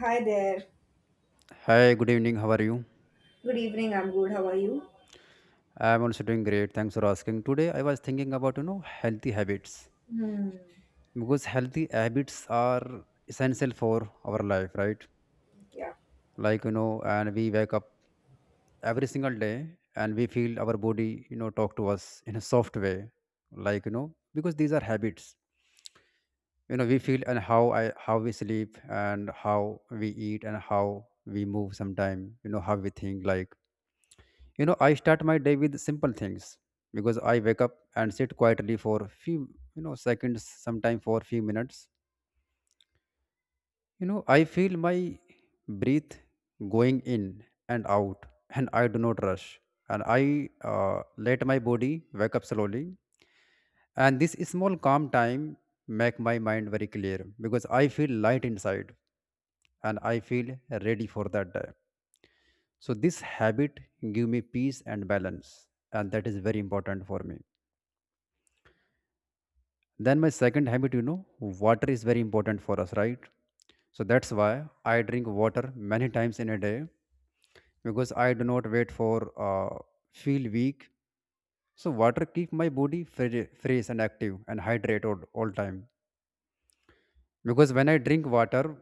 Hi there. Hi, good evening. How are you? Good evening. I'm good. How are you? I'm also doing great. Thanks for asking. Today I was thinking about, healthy habits Hmm. because healthy habits are essential for our life, right? Yeah. And we wake up every single day and we feel our body, talk to us in a soft way, because these are habits. We feel and how we sleep and how we eat and how we move sometime, how we think. I start my day with simple things because I wake up and sit quietly for few, seconds, sometime for few minutes. I feel my breath going in and out, and I do not rush, and I let my body wake up slowly. And this small calm time make my mind very clear because I feel light inside and I feel ready for that day. So this habit give me peace and balance, and that is very important for me. Then my second habit, water is very important for us, right? So that's why I drink water many times in a day because I do not wait for uh, feel weak. So water keep my body fresh and active and hydrated all time. Because when I drink water,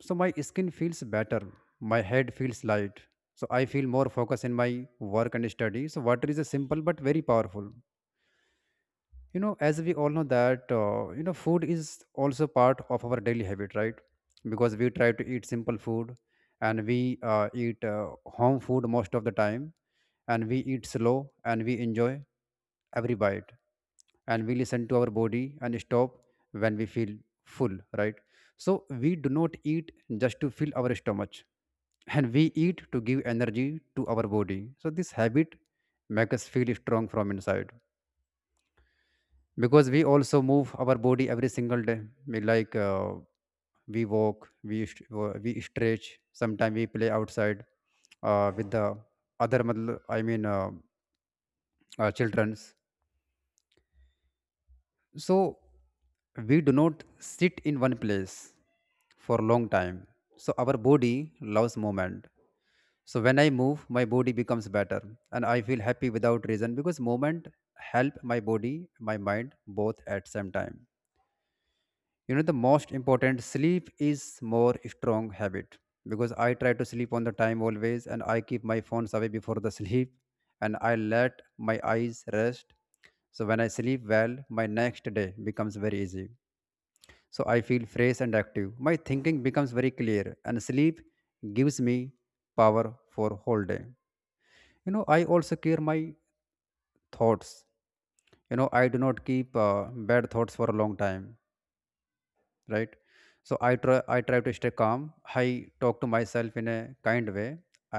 so my skin feels better, my head feels light. So I feel more focus in my work and study. So water is a simple but very powerful. You know as we all know that food is also part of our daily habit, right? Because we try to eat simple food, and we eat home food most of the time, and we eat slow and we enjoy every bite, and we listen to our body and stop when we feel full, right? So we do not eat just to fill our stomach and we eat to give energy to our body. So this habit makes us feel strong from inside because we also move our body every single day. we like uh, we walk, we stretch sometimes, we play outside with the other matl- I mean children's. So we do not sit in one place for a long time. So our body loves movement. So when I move, my body becomes better, and I feel happy without reason because movement help my body, my mind, both at same time. You know, the most important, sleep is more strong habit because I try to sleep on the time always, and I keep my phones away before the sleep. And I let my eyes rest. So when I sleep well, my next day becomes very easy. So I feel fresh and active, my thinking becomes very clear, and sleep gives me power for whole day. You know I also clear my thoughts. You know, I do not keep bad thoughts for a long time, right? So I try to stay calm. I talk to myself in a kind way,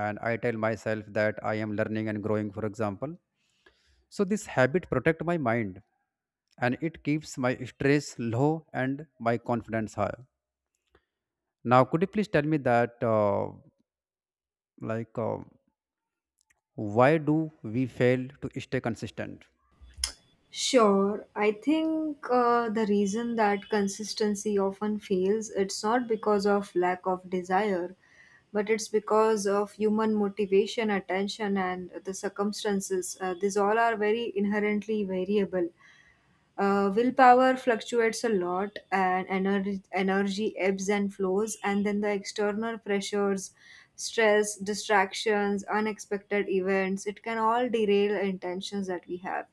and I tell myself that I am learning and growing, for example. So this habit protect my mind, and it keeps my stress low and my confidence high. Now could you please tell me that, like uh, why do we fail to stay consistent? Sure, I think the reason that consistency often fails, it's not because of lack of desire, but it's because of human motivation, attention, and the circumstances. These all are very inherently variable. Willpower fluctuates a lot, and energy ebbs and flows, and then the external pressures, stress, distractions, unexpected events, it can all derail intentions that we have.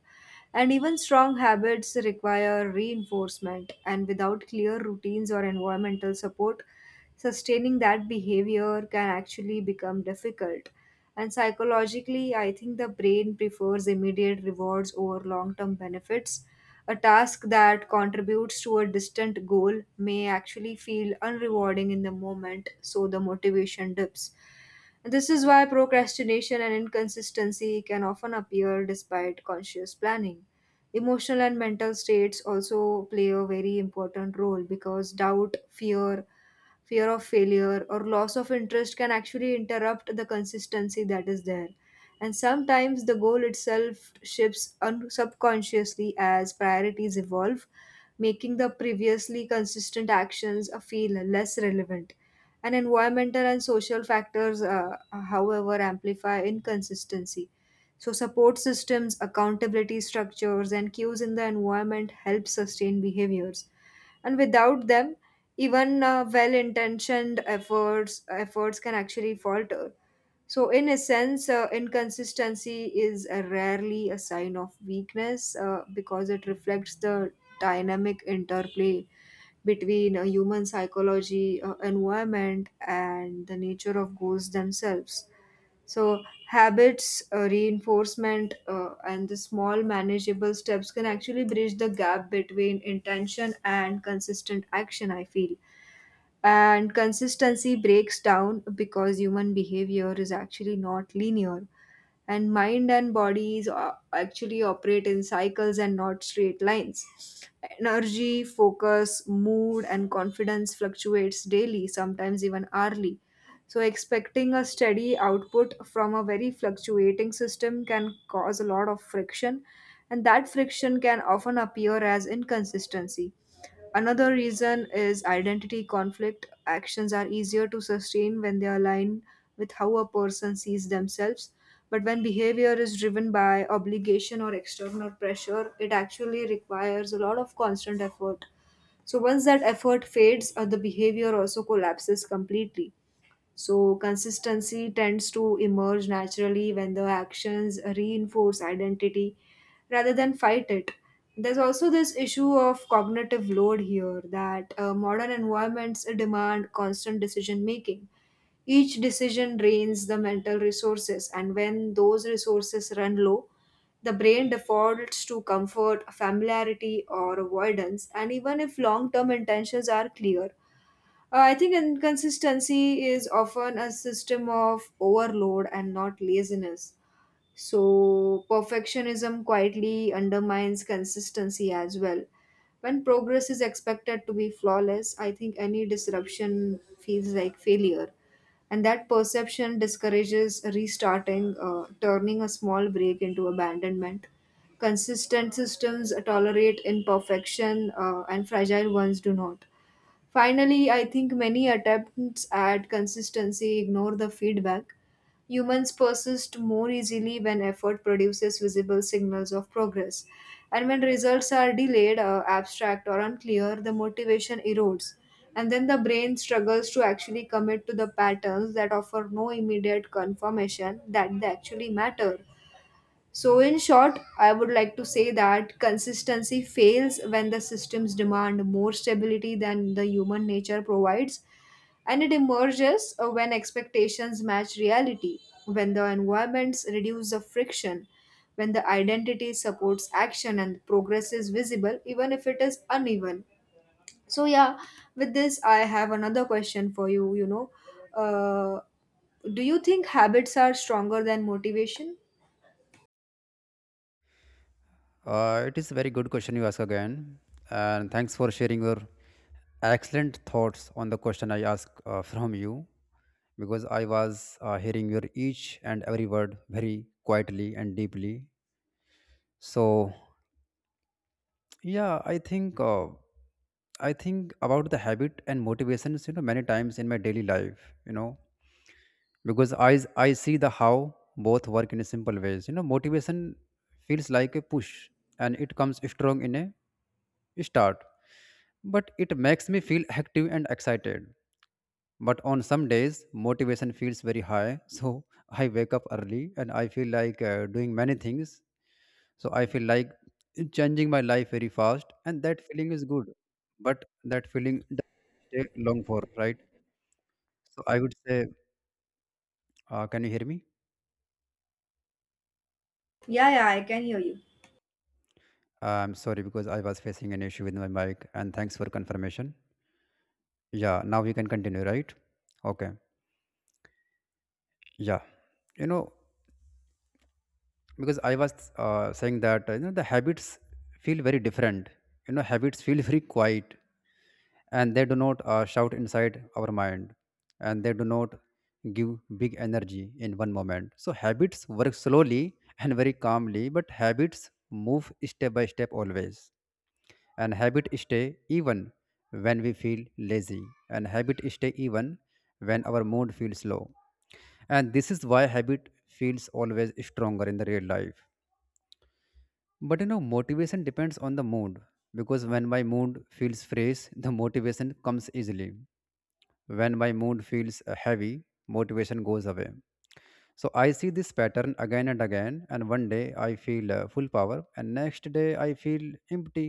And even strong habits require reinforcement, and without clear routines or environmental support, sustaining that behavior can actually become difficult. And psychologically, I think the brain prefers immediate rewards over long term benefits, a task that contributes to a distant goal may actually feel unrewarding in the moment, so the motivation dips. This is why procrastination and inconsistency can often appear despite conscious planning. Emotional and mental states also play a very important role because doubt, fear, fear of failure, or loss of interest can actually interrupt the consistency that is there, and sometimes the goal itself shifts subconsciously as priorities evolve, making the previously consistent actions feel less relevant. And environmental and social factors, however, amplify inconsistency. So, support systems, accountability structures, and cues in the environment help sustain behaviors. And without them, even well-intentioned efforts can actually falter. So, in a sense, inconsistency is rarely a sign of weakness because it reflects the dynamic interplay between human psychology, environment, and the nature of goals themselves. So, habits, reinforcement, and the small manageable steps can actually bridge the gap between intention and consistent action, I feel. And consistency breaks down because human behavior is actually not linear, and mind and actually operate in cycles and not straight lines. Energy, focus, mood, and confidence fluctuates daily, sometimes even hourly, so expecting a steady output from a very fluctuating system can cause a lot of friction, and that friction can often appear as inconsistency. Another reason is identity conflict. Actions are easier to sustain when they align with how a person sees themselves. But when behavior is driven by obligation or external pressure, it actually requires a lot of constant effort. So once that effort fades, the behavior also collapses completely. So, consistency tends to emerge naturally when the actions reinforce identity rather than fight it. There's also this issue of cognitive load here, that modern environments demand constant decision making. Each decision drains the mental resources, and when those resources run low, the brain defaults to comfort, familiarity, or avoidance. And even if long term intentions are clear, I think inconsistency is often a system of overload and not laziness. So, perfectionism quietly undermines consistency as well. When progress is expected to be flawless, I think any disruption feels like failure. And that perception discourages restarting, turning a small break into abandonment. Consistent systems tolerate imperfection, and fragile ones do not. Finally, I think many attempts at consistency ignore the feedback. Humans persist more easily when effort produces visible signals of progress. And when results are delayed, abstract, or unclear, the motivation erodes. And then the brain struggles to actually commit to the patterns that offer no immediate confirmation that they actually matter. So, in short, I would like to say that consistency fails when the systems demand more stability than the human nature provides, and it emerges when expectations match reality, when the environments reduce the friction, when the identity supports action, and progress is visible, even if it is uneven. So, yeah, with this, I have another question for you. You know, uh, do you think habits are stronger than motivation? It is a very good question you ask again, and thanks for sharing your excellent thoughts on the question I asked from you, because I was hearing your each and every word very quietly and deeply. So yeah, I think about the habit and motivations, many times in my daily life, because I see the how both work in a simple ways. You know, motivation feels like a push and it comes strong in a start, but it makes me feel active and excited. But on some days motivation feels very high so I wake up early and I feel like doing many things, so I feel like changing my life very fast, and that feeling is good. But that feeling doesn't take long for, right? So I would say, can you hear me? Yeah, yeah, I can hear I'm sorry because I was facing an issue with my mic, and thanks for confirmation. Yeah, now we can continue, right? Okay. Yeah. You know, because I was saying that, the habits feel very different. You know, habits feel very quiet, and they do not shout inside our mind, and they do not give big energy in one moment. So habits work slowly and very calmly, but habits move step by step always, and habit stay even when we feel lazy, and habit stay even when our mood feels low. And this is why habit feels always stronger in the real life. But you know motivation depends on the mood, because when my mood feels fresh, the motivation comes easily. When my mood feels heavy, motivation goes away. So I see this pattern again and again, and one day I feel full power, and next day I feel empty.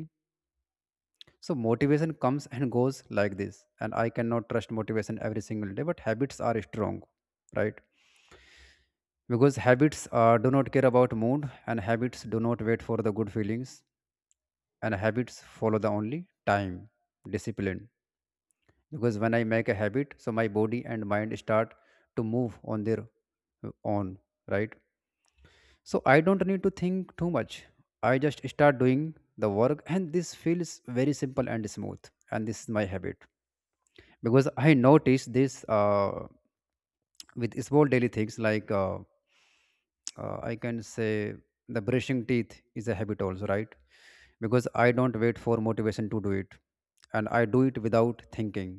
So motivation comes and goes like this, and I cannot trust motivation every single day. But habits are strong, right? Because habits do not care about mood, and habits do not wait for the good feelings, and habits follow the only time, discipline. Because when I make a habit, so my body and mind start to move on their own, right? So I don't need to think too much. I just start doing the work, and this feels very simple and smooth. And this is my habit because I notice this with small daily things, I can say the brushing teeth is a habit also, right? Because I don't wait for motivation to do it, and I do it without thinking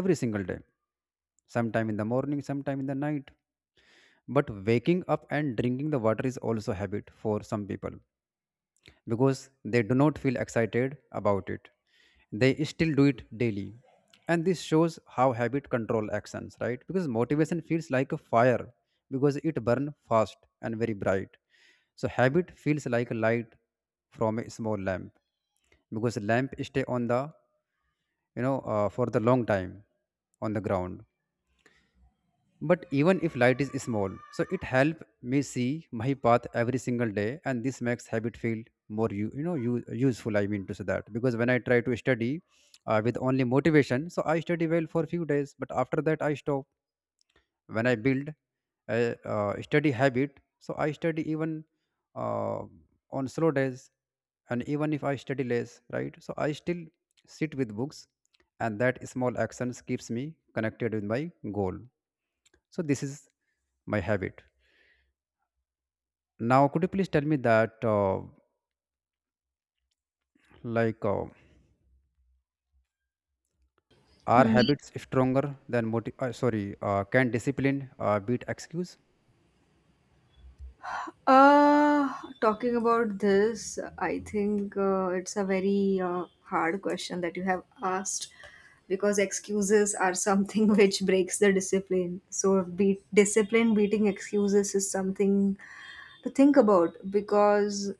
every single day, sometime in the morning, sometime in the night. But waking up and drinking the water is also habit for some people because they do not feel excited about it. They still do it daily. And this shows how habit control actions, right? Because motivation feels like a fire because it burns fast and very bright. So habit feels like a light from a small lamp because lamp stay on the, for the long time, on the ground. But even if light is small, so it help me see my path every single day, and this makes habit feel more useful. I mean to say that because when I try to study with only motivation, so I study well for few days, but after that I stop. When I build a study habit, so I study even uh, on slow days, and even if I study less, right? So I still sit with books, and that small actions keeps me connected with my goal. So this is my habit. Now could you please tell me that, like uh, are you. habits stronger than motive, sorry can discipline beat excuse? Uh, Talking about this, I think it's a very hard question that you have asked, because excuses are something which breaks the discipline. So, discipline beating excuses is something to think about, because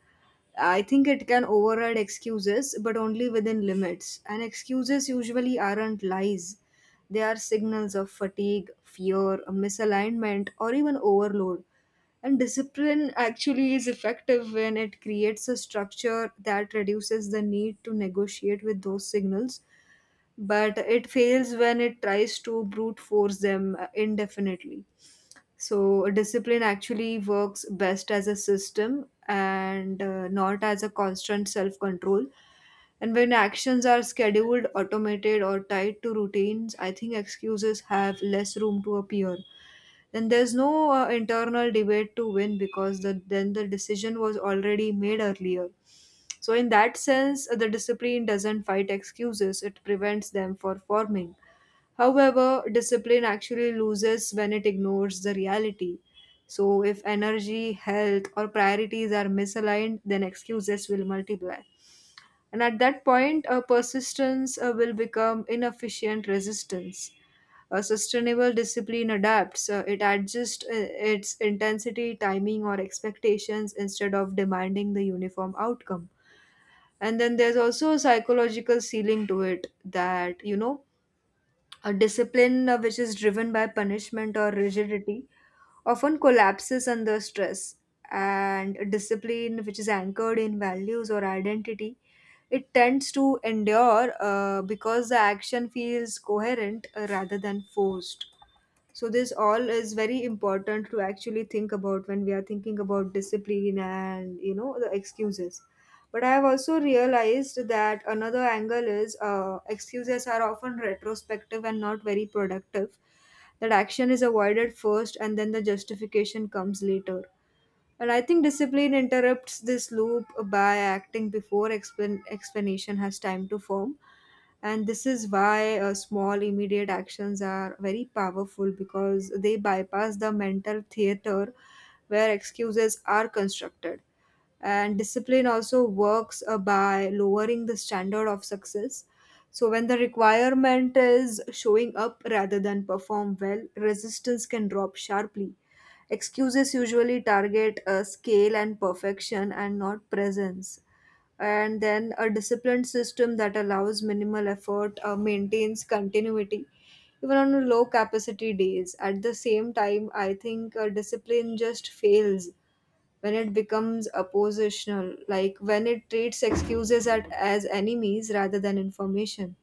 I think it can override excuses, but only within limits. And excuses usually aren't lies, they are signals of fatigue, fear, misalignment, or even overload, and discipline actually is effective when it creates a structure that reduces the need to negotiate with those signals, but it fails when it tries to brute force them indefinitely. So, discipline actually works best as a system and not as a constant self control. And when actions are scheduled, automated, or tied to routines, I think excuses have less room to appear. Then there's no internal debate to win, because then the decision was already made earlier. So in that sense, the discipline doesn't fight excuses, it prevents them for forming. However, discipline actually loses when it ignores the reality. So if energy, health, or priorities are misaligned, then excuses will multiply, and at that point, persistence will become inefficient resistance. A sustainable discipline adapts, it adjusts its intensity, timing, or expectations instead of demanding the uniform outcome. And then there's also a psychological ceiling to it, that, you know, a discipline which is driven by punishment or rigidity often collapses under stress. And a discipline which is anchored in values or identity, it tends to endure because the action feels coherent rather than forced. So this all is very important to actually think about when we are thinking about discipline and, you know, the excuses. But I have also realized that another angle is, excuses are often retrospective and not very productive. That action is avoided first and then the justification comes later. And I think discipline interrupts this loop by acting before explanation has time to form. And this is why small, immediate actions are very powerful, because they bypass the mental theater where excuses are constructed. And discipline also works by lowering the standard of success. So, when the requirement is showing up rather than perform well, resistance can drop sharply. Excuses usually target scale and perfection and not presence. And then a disciplined system that allows minimal effort maintains continuity even on low capacity days. At the same time, I think discipline just fails when it becomes oppositional, like when it treats excuses as enemies rather than information.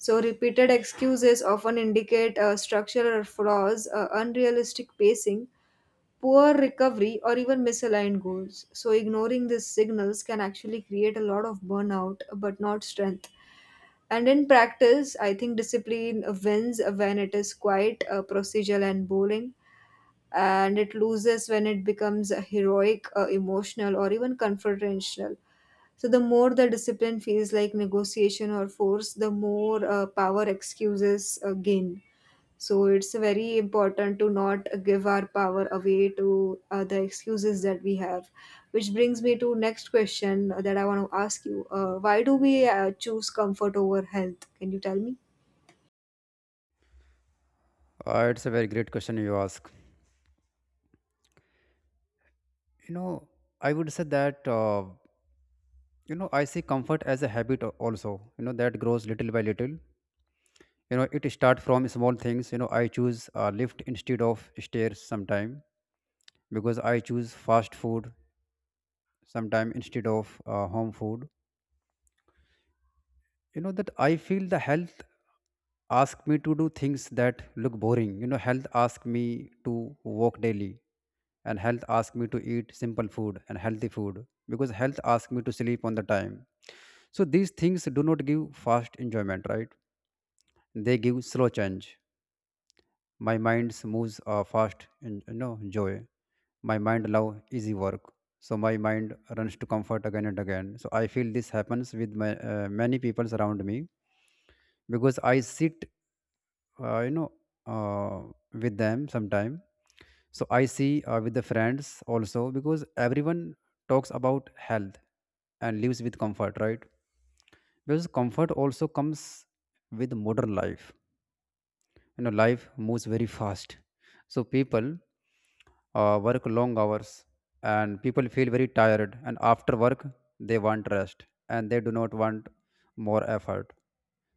So, repeated excuses often indicate structural flaws, unrealistic pacing, poor recovery, or even misaligned goals. So, ignoring these signals can actually create a lot of burnout but not strength. And in practice, I think discipline wins when it is quite procedural and boring, and it loses when it becomes heroic, emotional, or even confrontational. So, the more the discipline feels like negotiation or force, the more power excuses gain. So it's very important to not give our power away to the excuses that we have. Which brings me to next question that I want to ask you. Why do we choose comfort over health? Can you tell me? Uh, it's a very great question you ask. You know, I would say that, I see comfort as a habit also, you know, that grows little by little. You know, it starts from small things. You know, I choose lift instead of stairs sometime because I choose fast food sometime instead of home food. You know that I feel the health ask me to do things that look boring. You know, health ask me to walk daily, and health ask me to eat simple food and healthy food because health ask me to sleep on the time. So these things do not give fast enjoyment, right? They give slow change. My mind moves fast and joy. My mind love easy work. So my mind runs to comfort again and again. So I feel this happens with my many people around me because I sit, uh, you know uh, with them sometime. So I see, with the friends also, because everyone talks about health and lives with comfort, right? Because comfort also comes with modern life. You know, life moves very fast. So people work long hours, and people feel very tired, and after work they want rest and they do not want more effort.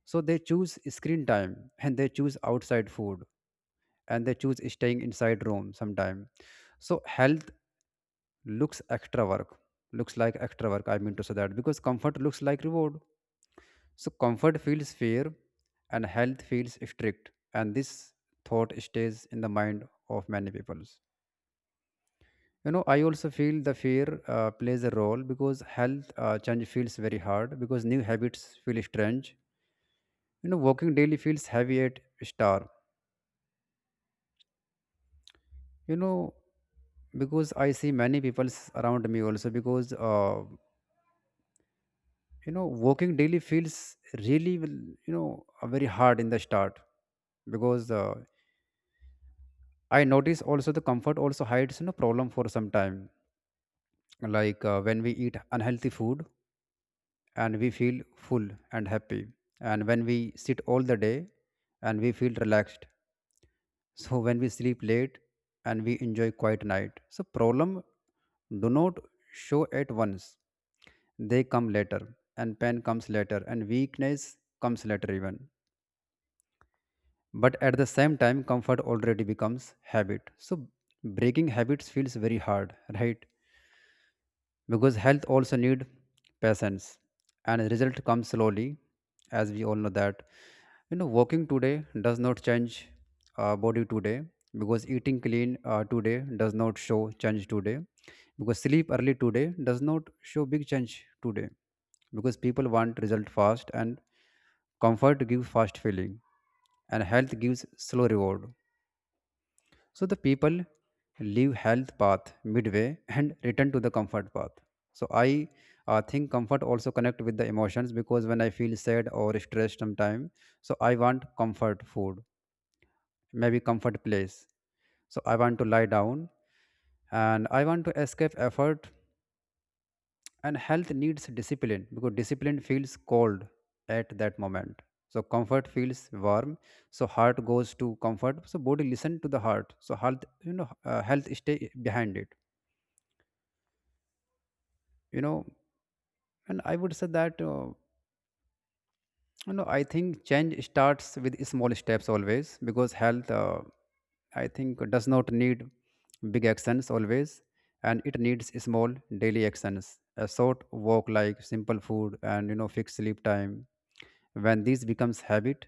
So they choose screen time, and they choose outside food, and they choose staying inside room sometime. So health looks extra work looks like extra work, I mean to say that, because comfort looks like reward, so comfort feels fair and health feels strict, and this thought stays in the mind of many peoples. You know, I also feel the fear plays a role because health change feels very hard because new habits feel strange. You know, walking daily feels heavy at start. you know because I see many people around me, also because working daily feels very hard in the start. Because I notice also the comfort also hides problem for some time. Like, when we eat unhealthy food and we feel full and happy, and when we sit all the day and we feel relaxed, so when we sleep late and we enjoy quiet night, so problem do not show at once. They come later, and pain comes later, and weakness comes later even. But at the same time, comfort already becomes habit, so breaking habits feels very hard, right? Because health also need patience and result comes slowly, as we all know that. Walking today does not change body today. Because eating clean today does not show change today. Because sleep early today does not show big change today. Because people want result fast, and comfort give fast feeling, and health gives slow reward. So the people leave health path midway and return to the comfort path. So I think comfort also connect with the emotions, because when I feel sad or stressed sometime, so I want comfort food, maybe comfort place. So I want to lie down and I want to escape effort, and health needs discipline because discipline feels cold at that moment. So comfort feels warm. So heart goes to comfort. So body listen to the heart. So health stay behind it. you know and I would say that I think change starts with small steps always. Because health, I think does not need big actions always, and it needs small daily actions. A short walk, like simple food, and fixed sleep time. When this becomes habit,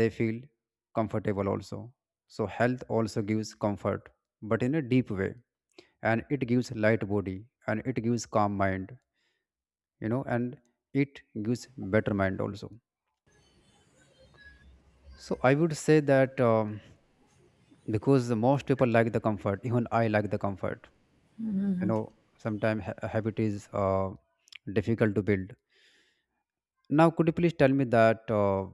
they feel comfortable also, so health also gives comfort, but in a deep way. And it gives light body, and it gives calm mind, and it gives better mind also. So I would say that because the most people like the comfort, even I like the comfort. you know Sometimes habit is difficult to build. Now, could you please tell me that, uh,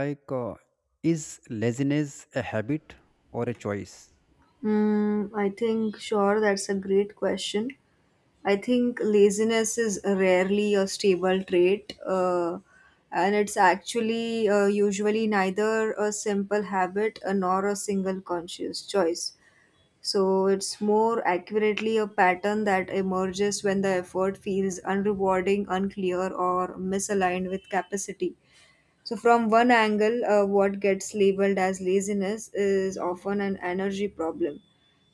like uh, is laziness a habit or a choice? Mm, I think, sure, that's a great question. I think laziness is rarely a stable trait, and it's actually usually neither a simple habit nor a single conscious choice. So it's more accurately a pattern that emerges when the effort feels unrewarding, unclear, or misaligned with capacity. So, from one angle, what gets labeled as laziness is often an energy problem.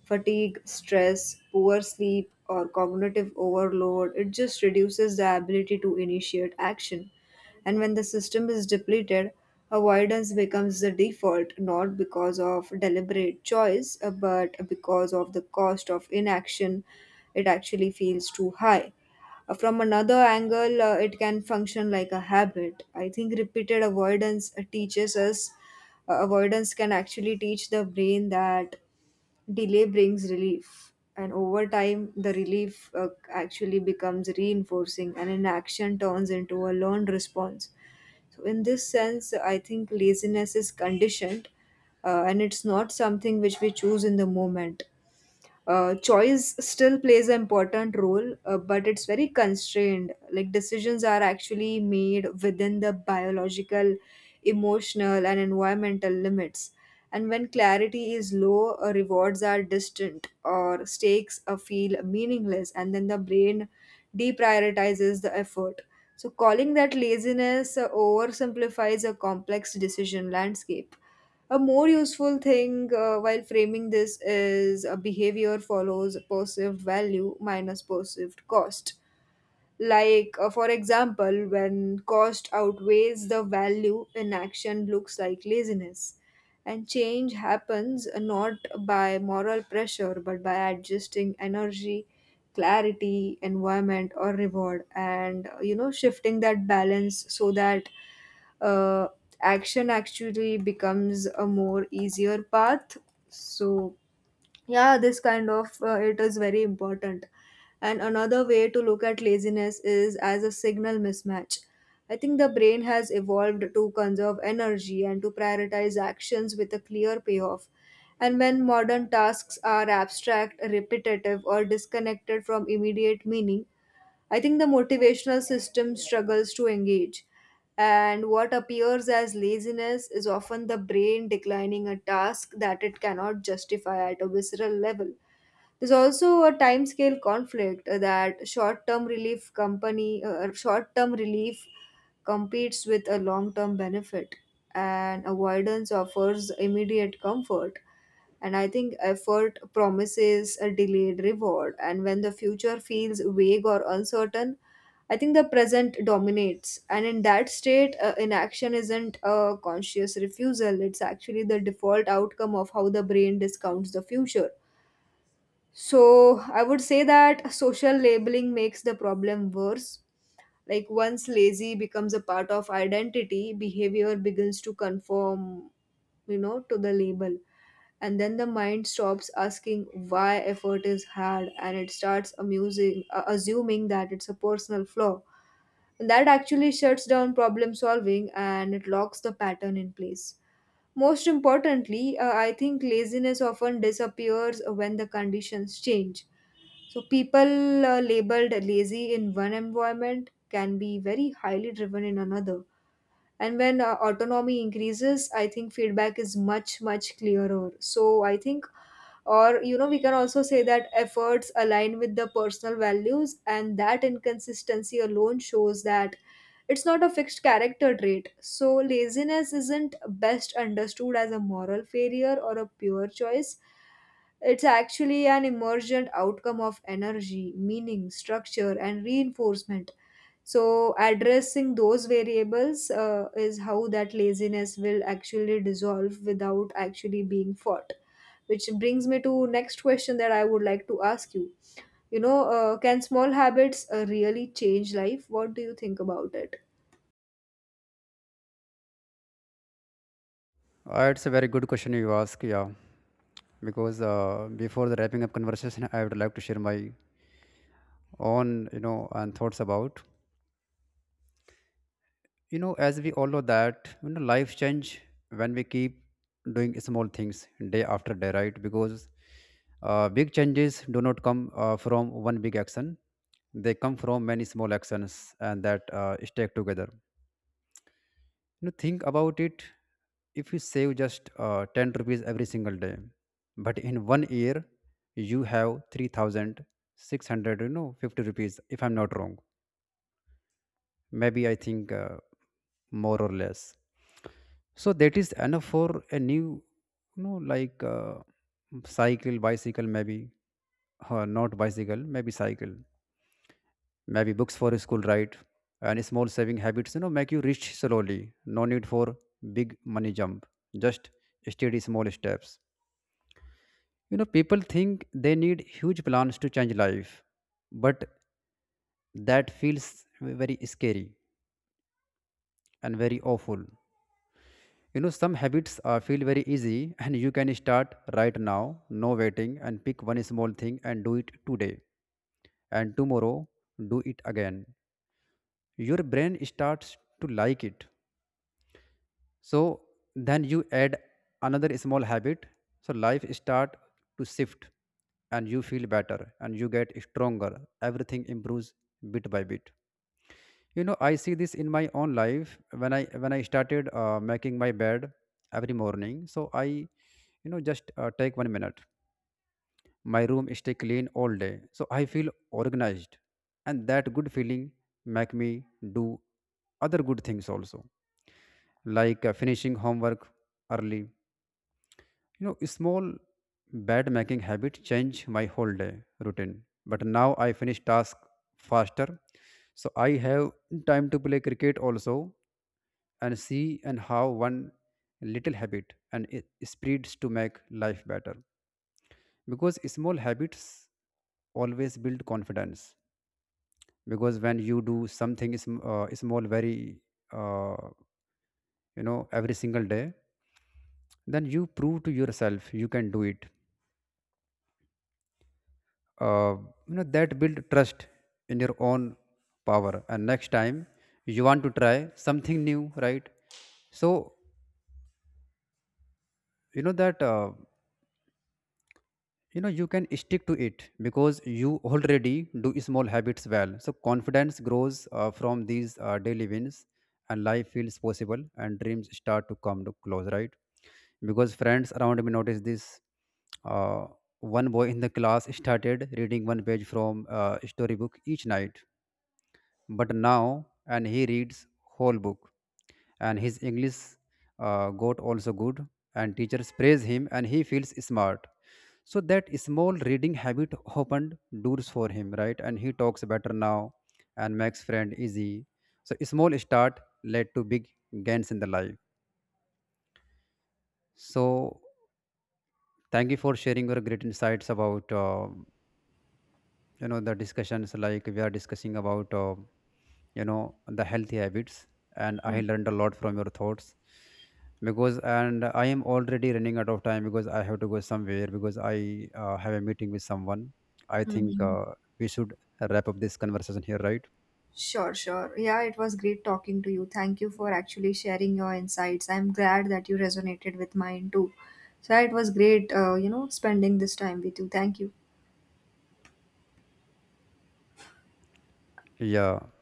Fatigue, stress, poor sleep, or cognitive overload, it just reduces the ability to initiate action. And when the system is depleted, avoidance becomes the default, not because of deliberate choice, but because of the cost of inaction. It actually feels too high. From another angle, it can function like a habit. I think repeated avoidance avoidance can actually teach the brain that delay brings relief. And over time, the relief actually becomes reinforcing, and inaction turns into a learned response. So, in this sense, I think laziness is conditioned, and it's not something which we choose in the moment. Choice still plays an important role, but it's very constrained, like decisions are actually made within the biological, emotional, and environmental limits. And when clarity is low, rewards are distant, or stakes feel meaningless, and then the brain deprioritizes the effort. So calling that laziness oversimplifies a complex decision landscape. A more useful thing, while framing this, is: a behavior follows perceived value minus perceived cost. Like, for example, when cost outweighs the value, inaction looks like laziness. And change happens not by moral pressure, but by adjusting energy, clarity, environment, or reward, and you know, shifting that balance so that uh, action actually becomes a more easier path. So, yeah, this kind of, it is very important. And another way to look at laziness is as a signal mismatch. I think the brain has evolved to conserve energy and to prioritize actions with a clear payoff, and when modern tasks are abstract, repetitive, or disconnected from immediate meaning, I think the motivational system struggles to engage, and what appears as laziness is often the brain declining a task that it cannot justify at a visceral level. There's also a timescale conflict, that short-term relief competes with a long-term benefit, and avoidance offers immediate comfort. And I think effort promises a delayed reward, and when the future feels vague or uncertain, I think the present dominates, and in that state, inaction isn't a conscious refusal, it's actually the default outcome of how the brain discounts the future. So, I would say that social labeling makes the problem worse. Like, once lazy becomes a part of identity, behavior begins to conform, you know, to the label, and then the mind stops asking why effort is hard, and it starts amusing assuming that it's a personal flaw. That actually shuts down problem solving, and it locks the pattern in place. Most importantly, I think laziness often disappears when the conditions change. So, people labeled lazy in one environment can be very highly driven in another. And when autonomy increases, I think feedback is much clearer, so I think, or you know, we can also say that efforts align with the personal values, and that inconsistency alone shows that it's not a fixed character trait. So laziness isn't best understood as a moral failure or a pure choice, it's actually an emergent outcome of energy, meaning, structure, and reinforcement. So addressing those variables is how that laziness will actually dissolve without actually being fought. Which brings me to next question that I would like to ask you. You know, can small habits really change life? What do you think about it? It's a very good question you ask, yeah. Because before the wrapping up conversation, I would like to share my own, and thoughts about, as we all know that, life change when we keep doing small things day after day, right? Because big changes do not come from one big action. They come from many small actions, and that stack together. Think about it. If you save just 10 rupees every single day, but in 1 year you have 3600, 50 rupees, if I'm not wrong. Maybe I think, more or less. So that is enough for a new, like, cycle, bicycle, maybe. Not bicycle, maybe cycle. Maybe books for school, right? And small saving habits, make you rich slowly. No need for big money jump, just steady small steps. People think they need huge plans to change life, but that feels very scary and very awful. You know, some habits feel very easy, and you can start right now, no waiting, and pick one small thing and do it today. And tomorrow, do it again. Your brain starts to like it. So then you add another small habit. So life start to shift, and you feel better, and you get stronger. Everything improves bit by bit. I see this in my own life. When I started making my bed every morning, so I just take 1 minute, my room stay clean all day, so I feel organized. And that good feeling make me do other good things also, like finishing homework early. Small bed making habit change my whole day routine, but now I finish task faster, so I have time to play cricket also. And see and how one little habit and it spreads to make life better. Because small habits always build confidence. Because when you do something small very uh, every single day, then you prove to yourself you can do it. uh, that build trust in your own power. And next time you want to try something new, right? So that, you can stick to it, because you already do small habits well. So confidence grows from these daily wins, and life feels possible, and dreams start to come to close, right? Because friends around me noticed this. uh, One boy in the class started reading one page from a storybook each night, but now, and he reads whole book, and his English got also good, and teachers praise him, and he feels smart. So that small reading habit opened doors for him, right? And he talks better now, and makes friend easy. So small start led to big gains in the life. So thank you for sharing your great insights about, the discussions, like we are discussing about, the healthy habits, and I learned a lot from your thoughts. Because, and I am already running out of time because I have to go somewhere, because I have a meeting with someone. I think Mm-hmm. We should wrap up this conversation here, right? Sure, sure. Yeah, it was great talking to you. Thank you for actually sharing your insights. I'm glad that you resonated with mine too. So it was great, you know, spending this time with you. Thank you. Yeah.